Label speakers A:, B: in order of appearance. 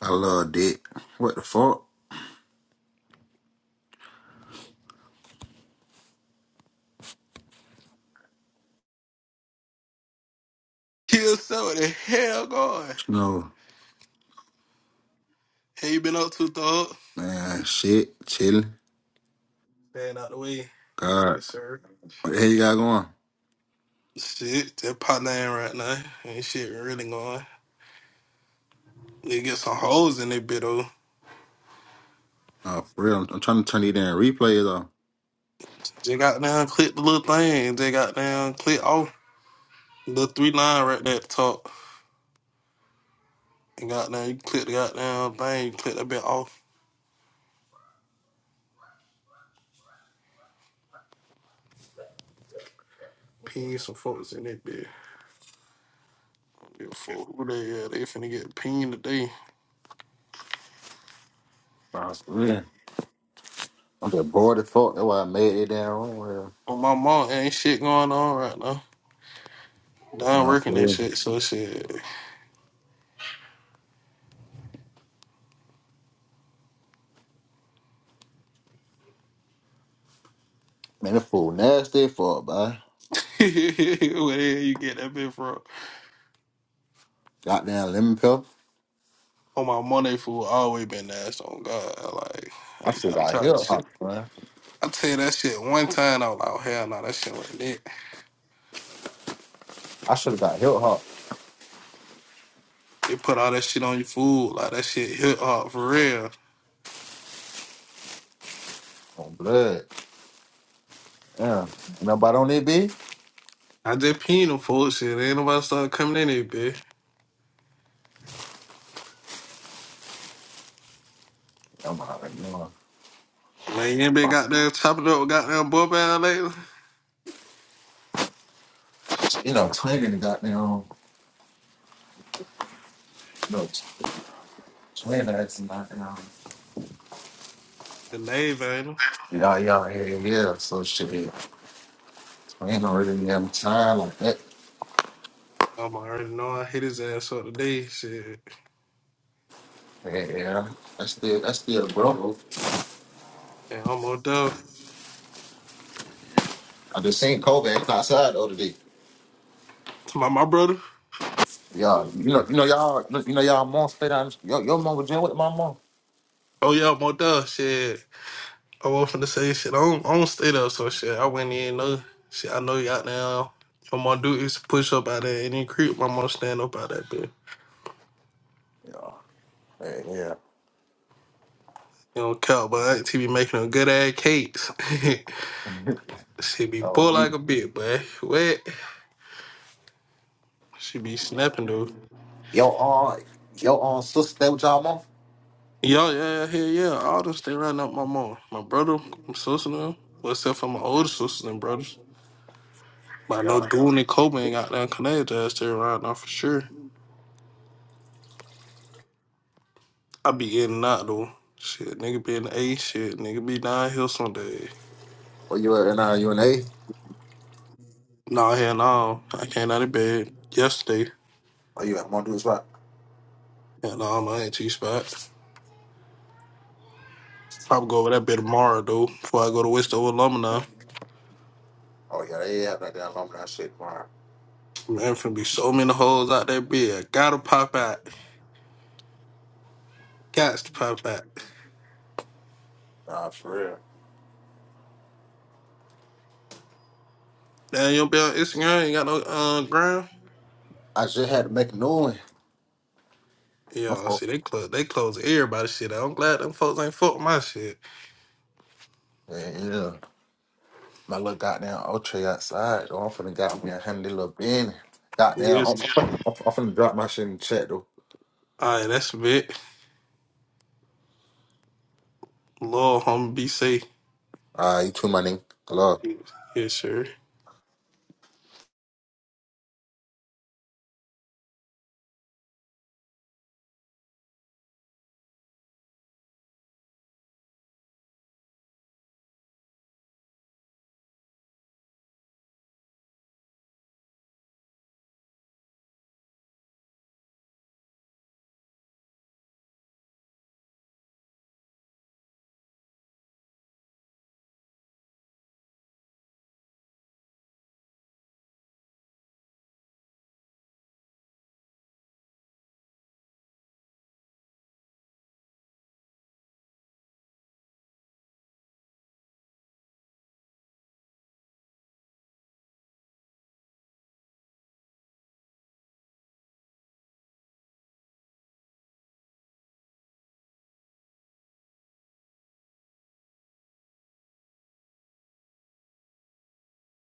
A: I love dick. What the fuck?
B: Kill so what the hell going.
A: No,
B: Hey, you been up to dog?
A: man, shit, chilling.
B: Staying out the way.
A: God,
B: Yes, sir.
A: what the hell you got going?
B: Shit, that pot name right now. Ain't shit really going. They get some holes in their bit though.
A: Oh, for real, I'm, I'm trying to turn these damn replays off.
B: They got down, click the little thing. They got down, click off. Little three line right there at the top. And got down, you click the goddamn thing, you click that bit off. Pin some folks in that bit. Give a fuck who they are. They finna get pinned today.
A: Nah, for real. I'm just bored as fuck. That's why I made it down wrong. Well,
B: On my mom, ain't shit going on right now. Down
A: nah, for
B: working that
A: real.
B: shit, so shit.
A: Man, this fool nasty as fuck, boy.
B: Where the hell you get that bit from?
A: Goddamn lemon pepper.
B: On my money fool always been nasty on God. Like
A: I should
B: I, I
A: have got
B: tried
A: hip
B: that shit.
A: hop, man.
B: I tell you that shit one time, I was like, oh, hell no, that shit wasn't it.
A: I should have got hip hop
B: They put all that shit on your food, like that shit hit hard for real.
A: on blood. Yeah. Nobody on that bitch?
B: I just peed them fool shit. Ain't nobody started coming in here, bitch.
A: I'm out of
B: Man, you ain't been goddamn chopping up with goddamn boy band lately.
A: You know, twinning the goddamn. No, twin ass and goddamn.
B: The nave ain't him.
A: Yeah, yeah, yeah, yeah. So shit, I ain't already have no time like that.
B: I'm already know I hit his ass up today, shit.
A: Yeah, yeah. that's still that's still bro.
B: And I'm more done.
A: I just seen Kobe acting outside the other day.
B: My my brother.
A: Yeah, you know, you know, y'all, you know, y'all mom stay down. Your, your mom was jail with my mom.
B: Oh yeah, more done, shit. I wasn't to say shit. I don't, I don't stay there, so shit. I went in, no shit. I know you out there. All my dude is push up out there and then creep my mom stand up out that bitch.
A: Yeah, yeah, yeah.
B: You not count, but I ain't to be making them good ass cakes. she be
A: Oh,
B: bull
A: he,
B: like a bitch, but what? She be snapping though.
A: your aunt, your aunt sister stay with y'all mom.
B: Yeah, yeah, yeah, hell yeah. All them stay running up my mom, my brother, my sister, and them. well, except for my older sisters and brothers. But I
A: Yeah.
B: know Dooney ain't got that down Canada, stay around now for sure. I be getting out though. Shit, nigga be in the A. Shit, nigga be down here some day.
A: Where you at? And uh, you and A?
B: Nah, hell no. I came out of bed yesterday.
A: Or you at Mondo's Rock?
B: Hell no, my auntie spot. Probably go over that bit tomorrow though. Before I go to Westover Alumni.
A: Oh yeah, they have that down long that shit, man.
B: Man, finna be so many hoes out that bed. I Gotta pop out. Gots to pop out.
A: Nah, for real.
B: Damn, you don't be on Instagram. You got no uh, ground.
A: I just had to make a new one. I'm
B: Yeah,
A: for-
B: see, they close. They close everybody shit. out. I'm glad them folks ain't fuck my shit.
A: Yeah, yeah. My little goddamn Ultra outside. though. I'm finna got me a handy little bin. Goddamn,
B: Yes.
A: I'm, I'm, I'm finna drop my shit in the chat though.
B: All right, that's a bit. Lord, homie, be safe.
A: Ah, you too, my nigga. Love.
B: Yes, sir.